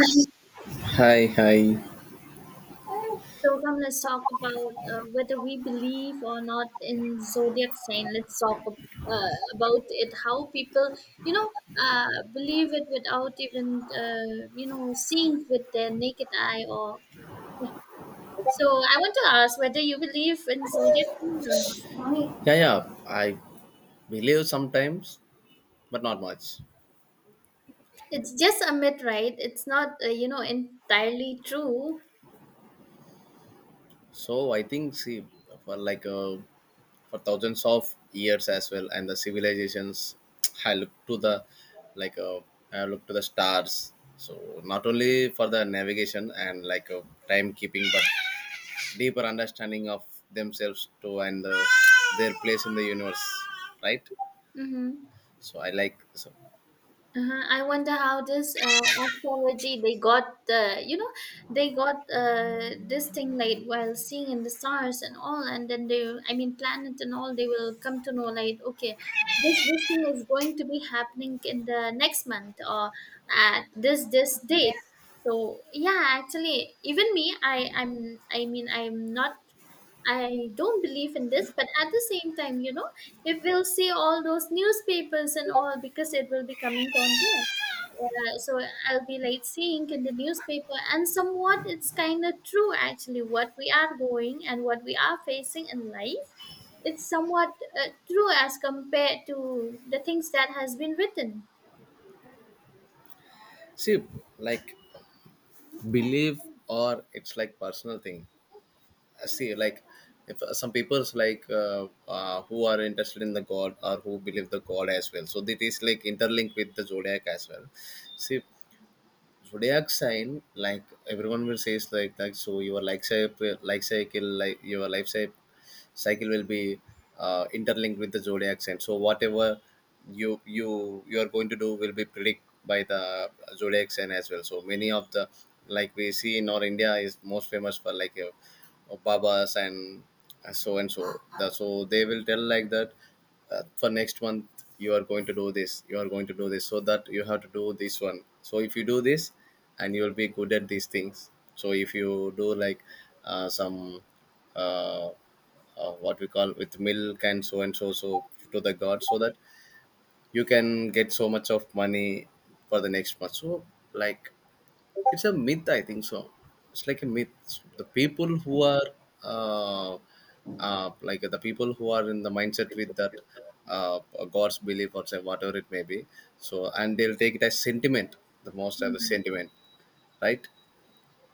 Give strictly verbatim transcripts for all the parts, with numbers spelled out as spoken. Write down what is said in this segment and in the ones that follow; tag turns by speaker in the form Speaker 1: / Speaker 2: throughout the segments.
Speaker 1: So
Speaker 2: Hi, hi.
Speaker 1: come, let's talk about uh, whether we believe or not in zodiac sign. Let's talk ab- uh, about it. How people, you know, uh, believe it without even, uh, you know, seeing with their naked eye. Or yeah. so I want to ask whether you believe in zodiac sign or not.
Speaker 2: Yeah, yeah. I believe sometimes, but not much.
Speaker 1: It's just a myth, right? It's not, uh, you know, entirely true.
Speaker 2: So I think, see, for like uh, for thousands of years as well, and the civilizations, I look to the like uh, I look to the stars. So not only for the navigation and like uh, timekeeping, but deeper understanding of themselves too and uh, their place in the universe, right?
Speaker 1: Mm-hmm.
Speaker 2: So I like so
Speaker 1: Uh-huh. I wonder how this uh, astrology they got the you know they got uh, this thing like while seeing in the stars and all, and then they, I mean, planet and all, they will come to know, like, okay, this this thing is going to be happening in the next month or at this this date. So yeah, actually, even me, I I'm I mean, I'm not I don't believe in this, but at the same time, you know if we'll see all those newspapers and all, because it will be coming on there. Uh, so I'll be like seeing in the newspaper, and somewhat it's kind of true, actually, what we are going and what we are facing in life. It's somewhat uh, true as compared to the things that has been written.
Speaker 2: see like, believe or it's like personal thing. I see like if uh, some people's like uh, uh, who are interested in the god or who believe the god as well, so that is like interlinked with the zodiac as well. See, zodiac sign, like everyone will say is like that, so your life cycle life cycle like your life cycle cycle will be uh, interlinked with the zodiac sign, so whatever you you you are going to do will be predict by the zodiac sign as well. So many of the, like we see, in our india is most famous for like uh, babas and so and so the, so they will tell like that, uh, for next month you are going to do this, you are going to do this, so that you have to do this one. So if you do this and you will be good at these things. So if you do like uh, some uh, uh, what we call with milk and so and so, so to the god so that you can get so much of money for the next month. So, like, it's a myth, I think so. It's like a myth. The people who are uh, uh, like the people who are in the mindset with that uh, god's belief or say whatever it may be, so and they'll take it as sentiment, the most, as a sentiment, right.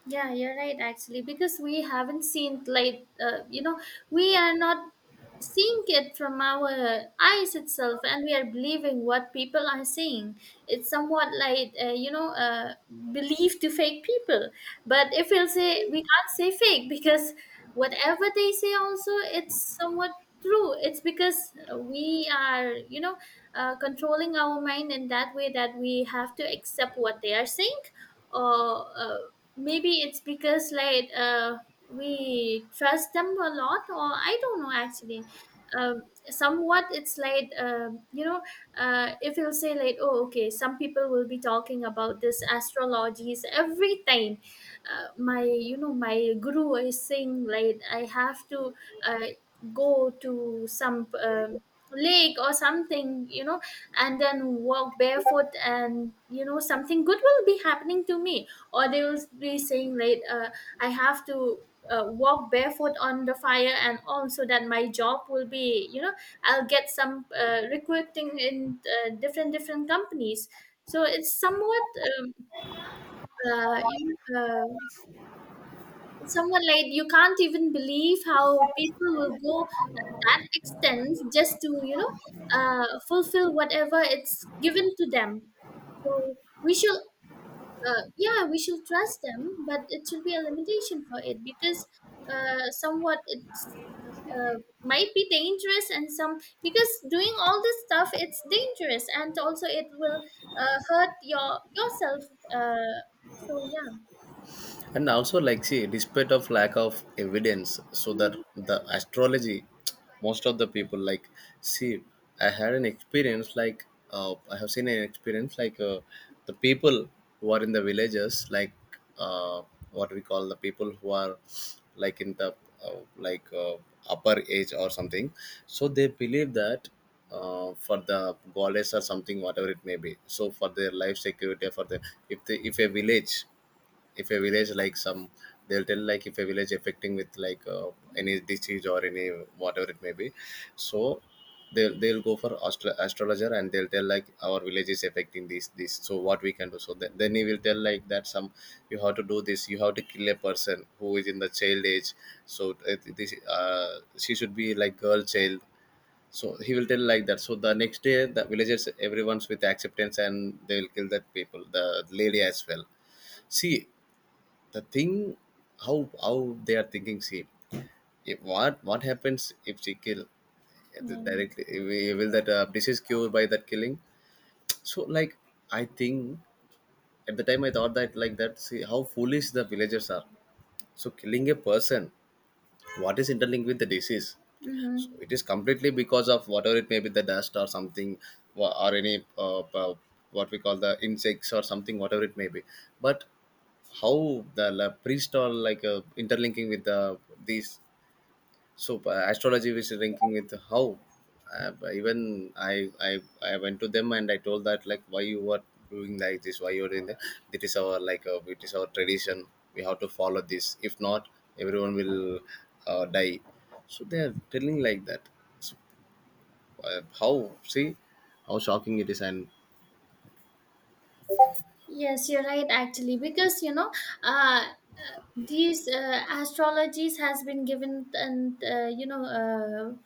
Speaker 1: Yeah, you're right, actually, because we haven't seen like uh, you know we are not seeing it from our eyes itself, and we are believing what people are saying. It's somewhat like uh, you know uh, belief to fake people, but if we'll say, we can't say fake, because whatever they say also, it's somewhat true. It's because we are, you know uh, controlling our mind in that way, that we have to accept what they are saying, or uh, maybe it's because, like, uh, we trust them a lot, or I don't know, actually. um, Somewhat it's like, um, you know uh, if you'll say like, oh, okay, some people will be talking about this astrologies every time. Uh, my, you know my guru is saying like, I have to uh, go to some um lake or something, you know and then walk barefoot, and you know something good will be happening to me. Or they will be saying like, uh, I have to uh, walk barefoot on the fire and all, so that my job will be, you know I'll get some uh, recruiting in uh, different different companies. So it's somewhat um, uh, you know, uh, it's somewhat like, you can't even believe how people will go extents just to, you know uh, fulfill whatever it's given to them. So we should uh, yeah, we should trust them, but it should be a limitation for it, because uh, somewhat it's uh, might be dangerous, and some, because doing all this stuff, it's dangerous, and also it will uh, hurt your yourself. Uh, so yeah.
Speaker 2: And also, like, see despite of lack of evidence so that
Speaker 1: Mhm.
Speaker 2: the astrology, most of the people, like, see, I had an experience, like uh, I have seen an experience like uh, the people who are in the villages, like uh, what we call, the people who are like in the uh, like uh, upper age or something, so they believe that uh, for the goddess or something, whatever it may be, so for their life security for the, if they, if a village, if a village like some, they'll tell like if a village affecting with like uh, any disease or any whatever it may be. So they'll they'll go for astro- astrologer and they'll tell like our village is affecting this this, so what we can do. So then, then he will tell like that, some, you have to do this, you have to kill a person who is in the child age. So it, this uh, she should be like girl child. So he will tell like that, so the next day the villagers, everyone's with acceptance, and they will kill that people, the lady as well. See the thing, how how they are thinking, see, if what what happens if she kill
Speaker 1: Yeah.
Speaker 2: directly, will that uh, disease cure by that killing? So, like, I think at the time I thought that like that, see how foolish the villagers are. So killing a person, what is interlinked with the disease? So
Speaker 1: Mm-hmm.
Speaker 2: it is completely because of whatever it may be, the dust or something, wha- or any uh, uh, what we call, the insects or something, whatever it may be. But how the la- priest or like uh, interlinking with the these, so uh, astrology is linking with how, uh, even I, I I went to them and I told that, like, why you are doing like this, why you are doing that? It is our like uh, it is our tradition. We have to follow this, if not everyone will uh, die. So they are telling like that. Uh, how, see, how shocking it is, and
Speaker 1: Yes, you're right, actually, because you know uh these uh, astrologies has been given, and uh, you know uh,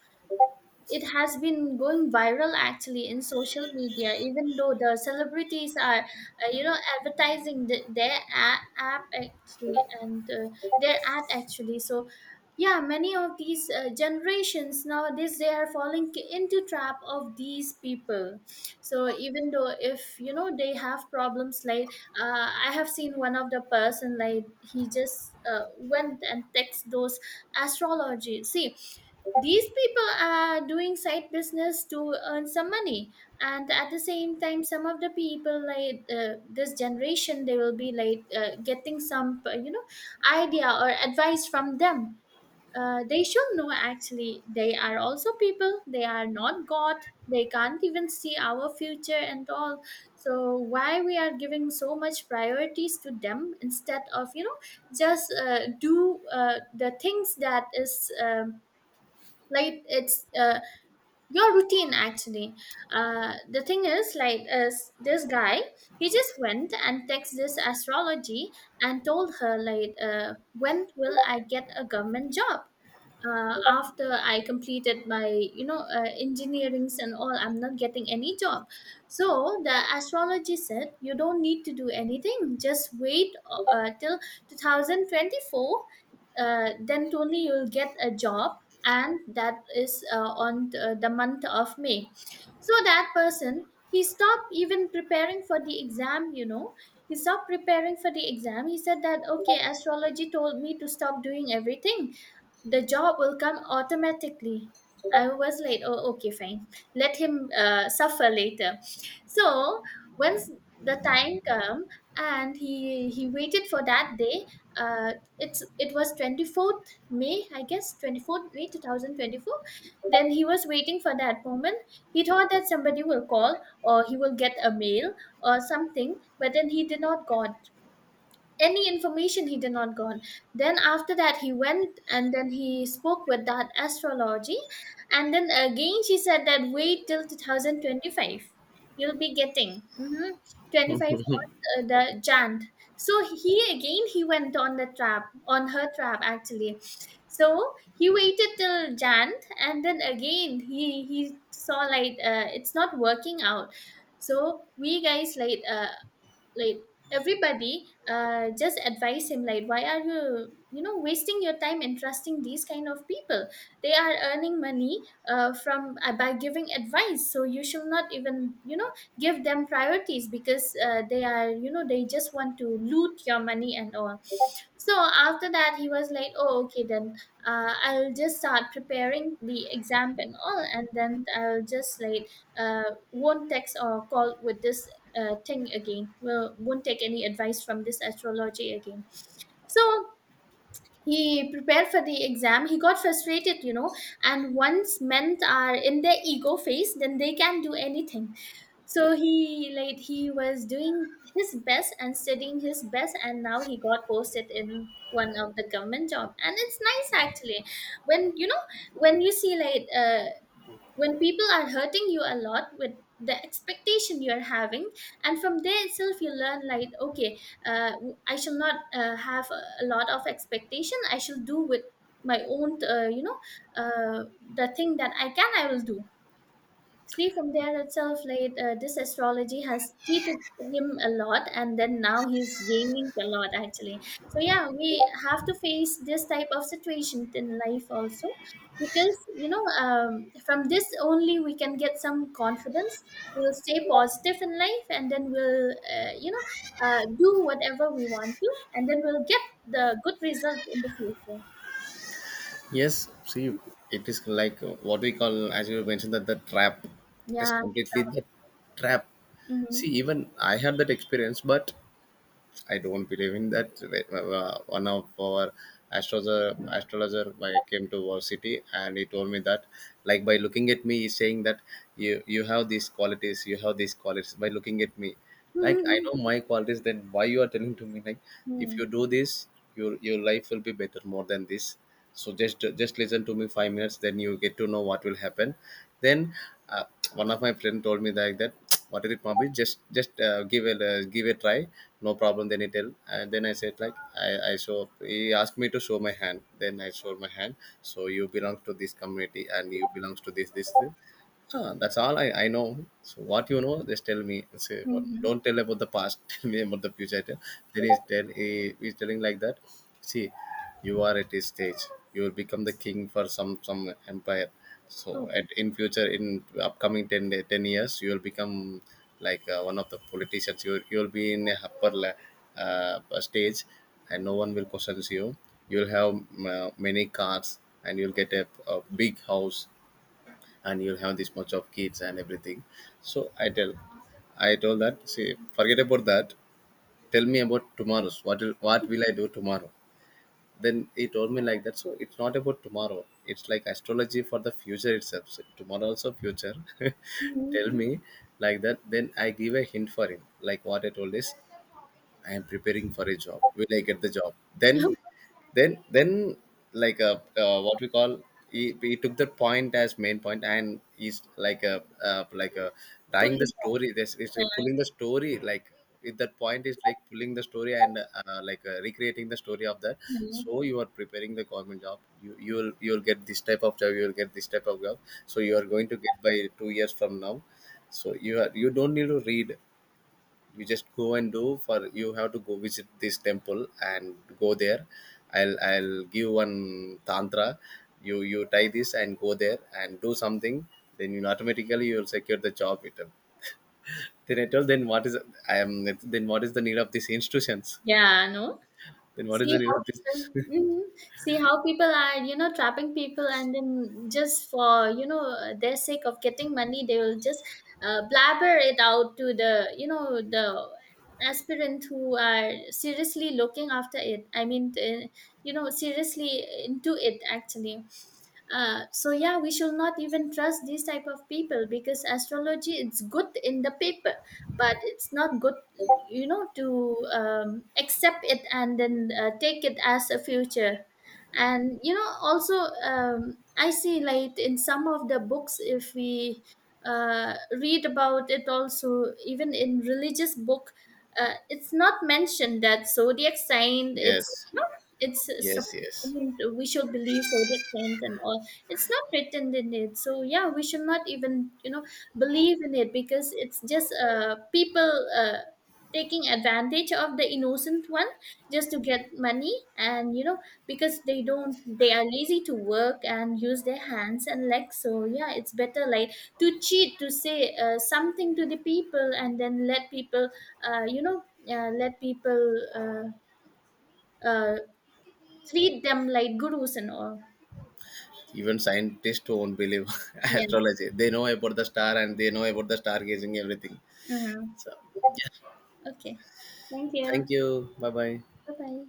Speaker 1: it has been going viral, actually, in social media, even though the celebrities are, uh, you know advertising the, their a- app, actually, and uh, their ad, actually. So yeah, many of these uh, generations nowadays, they are falling k- into trap of these people. So even though, if you know they have problems like, uh, I have seen one of the person, like, he just uh, went and text those astrology. See, these people are doing side business to earn some money, and at the same time, some of the people, like, uh, this generation, they will be like, uh, getting some uh, you know idea or advice from them. Uh, they should know, actually, they are also people, they are not god. They can't even see our future and all. So why we are giving so much priorities to them, instead of, you know just uh, do uh, the things that is um, like, it's uh, your routine, actually. Uh, the thing is, like, is this guy, he just went and texted this astrology, and told her like, uh, when will I get a government job uh, after I completed my, you know uh, engineerings and all, I'm not getting any job. So the astrology said, you don't need to do anything, just wait uh, till twenty twenty-four, uh, then only you'll get a job, and that is uh, on the, the month of May. So that person, he stopped even preparing for the exam, you know. He stopped preparing for the exam. He said that, okay, astrology told me to stop doing everything, the job will come automatically. I was like, oh, okay, fine, let him uh, suffer later. So once the time come, and he he waited for that day. uh, it's it was twenty-fourth May, I guess, twenty-fourth May two thousand twenty-four. Then he was waiting for that moment. He thought that somebody will call, or he will get a mail or something, but then he did not got any information, he did not go on. Then after that, he went and then he spoke with that astrology, and then again she said that wait till two thousand twenty-five, you'll be getting mm-hmm, twenty five on uh, the Jan. So he again, he went on the trap, on her trap, actually. So he waited till Jan, and then again, he he saw like, uh, it's not working out. So we guys like, uh, like, everybody uh, just advise him, like, why are you, you know wasting your time and trusting these kind of people? They are earning money, uh, from uh, by giving advice. So you should not even, you know give them priorities, because uh, they are, you know they just want to loot your money and all. So after that, he was like, oh, okay, then uh, I'll just start preparing the exam and all, and then I'll just like uh, won't text or call with this uh, thing again. Well, won't take any advice from this astrology again. So he prepared for the exam. He got frustrated, you know. And once men are in their ego phase, then they can do anything. So he, like, he was doing his best and studying his best, and now he got posted in one of the government job, and it's nice, actually. When, you know when you see like, uh, when people are hurting you a lot with the expectation you are having, and from there itself, you learn like, okay, uh, I shall not uh, have a a lot of expectation. I shall do with my own, uh, you know uh, the thing that I can, I will do. See, from there itself, like, uh, this astrology has cheated him a lot, and then now he's gaining a lot, actually. So yeah, we have to face this type of situation in life also, because, you know, um, from this only we can get some confidence. We'll stay positive in life, and then we'll uh, you know uh, do whatever we want to, and then we'll get the good result in the future.
Speaker 2: yes, see, it is like uh, what we call, as you mentioned, that the trap. It is
Speaker 1: Yeah.
Speaker 2: completely the trap.
Speaker 1: Mm-hmm.
Speaker 2: See, even I had that experience, but I don't believe in that. Uh, uh, one of our astrologer astrologer I came to our city and he told me that, like by looking at me, he's saying that you you have these qualities, you have these qualities. By looking at me, like I
Speaker 1: Mm-hmm.
Speaker 2: know my qualities, then why you are telling to me like if
Speaker 1: Mm-hmm.
Speaker 2: you do this, your your life will be better more than this. So just just listen to me five minutes, then you get to know what will happen. Then uh, one of my friend told me like that, what is it Mabi? just just uh, give a uh, give a try, no problem. Then he tell, and then I said like, I I show he asked me to show my hand, then I showed my hand. So you belong to this community, and you belongs to this this. Ah, that's all I, I know. So what you know, just tell me. Say what? Don't
Speaker 1: Mm-hmm.
Speaker 2: tell about the past. Tell me about the future. Tell. Then he's tell he, he's telling like that. See, you are at this stage. You will become the king for some some empire. So
Speaker 1: Oh.
Speaker 2: at in future, in upcoming ten, day- ten years, you will become like uh, one of the politicians. You you will be in a upper la- uh, stage, and no one will question you. You'll have uh, many cars, and you'll get a, a big house, and you'll have this much of kids and everything. So i tell I told that, see, forget about that, tell me about tomorrow's, what will, what will I do tomorrow. Then he told me like that, so it's not about tomorrow, it's like astrology for the future itself, so tomorrow also future. Tell
Speaker 1: Mm-hmm.
Speaker 2: me like that. Then I give a hint for him, like what I told is, I am preparing for a job. Will I get the job? Then, then, then, like a uh, what we call, he, he took that point as main point, and he's like a uh, like a
Speaker 1: Pull-
Speaker 2: dying the
Speaker 1: it up.
Speaker 2: story. This is like
Speaker 1: Yeah,
Speaker 2: pulling the story, like, if that point is like pulling the story and uh, like uh, recreating the story of that.
Speaker 1: yeah.
Speaker 2: So you are preparing the government job. You you will you will get this type of job. You will get this type of job. So you are going to get by two years from now. So you are, you don't need to read, you just go and do for, you have to go visit this temple and go there. I'll i'll give one tantra. You you tie this and go there and do something, then you automatically you'll secure the job with them. Then I told, then what is, I am, then what is the need of these institutions,
Speaker 1: Yeah, no.
Speaker 2: then what is
Speaker 1: See
Speaker 2: the need
Speaker 1: how
Speaker 2: of this?
Speaker 1: people, mhm. See how people are, you know, trapping people, and then just for, you know their sake of getting money, they will just uh, blabber it out to the, you know the aspirant who are seriously looking after it. I mean, uh, you know, seriously into it, actually. Uh, so yeah, we should not even trust these type of people, because astrology, it's good in the paper, but it's not good, you know, to um, accept it, and then uh, take it as a future. And you know also, um, I see like, in some of the books, if we uh, read about it, also even in religious book, uh, it's not mentioned that zodiac sign, it's
Speaker 2: yes
Speaker 1: no, it's sup-
Speaker 2: yes
Speaker 1: I
Speaker 2: yes,
Speaker 1: mean, we should believe zodiac signs and all. It's not written in it, so yeah, we should not even, you know believe in it, because it's just uh, people uh, taking advantage of the innocent one, just to get money, and, you know, because they don't, they are lazy to work and use their hands and legs. So yeah, it's better, like, to cheat, to say uh, something to the people, and then let people, uh, you know uh, let people uh, uh, treat them like gurus and all.
Speaker 2: even scientists won't believe
Speaker 1: Yeah.
Speaker 2: astrology. They know about the star and they know about the stargazing, everything.
Speaker 1: Mm-hmm.
Speaker 2: So yeah.
Speaker 1: Okay, thank you.
Speaker 2: Thank you. Bye bye.
Speaker 1: Bye bye.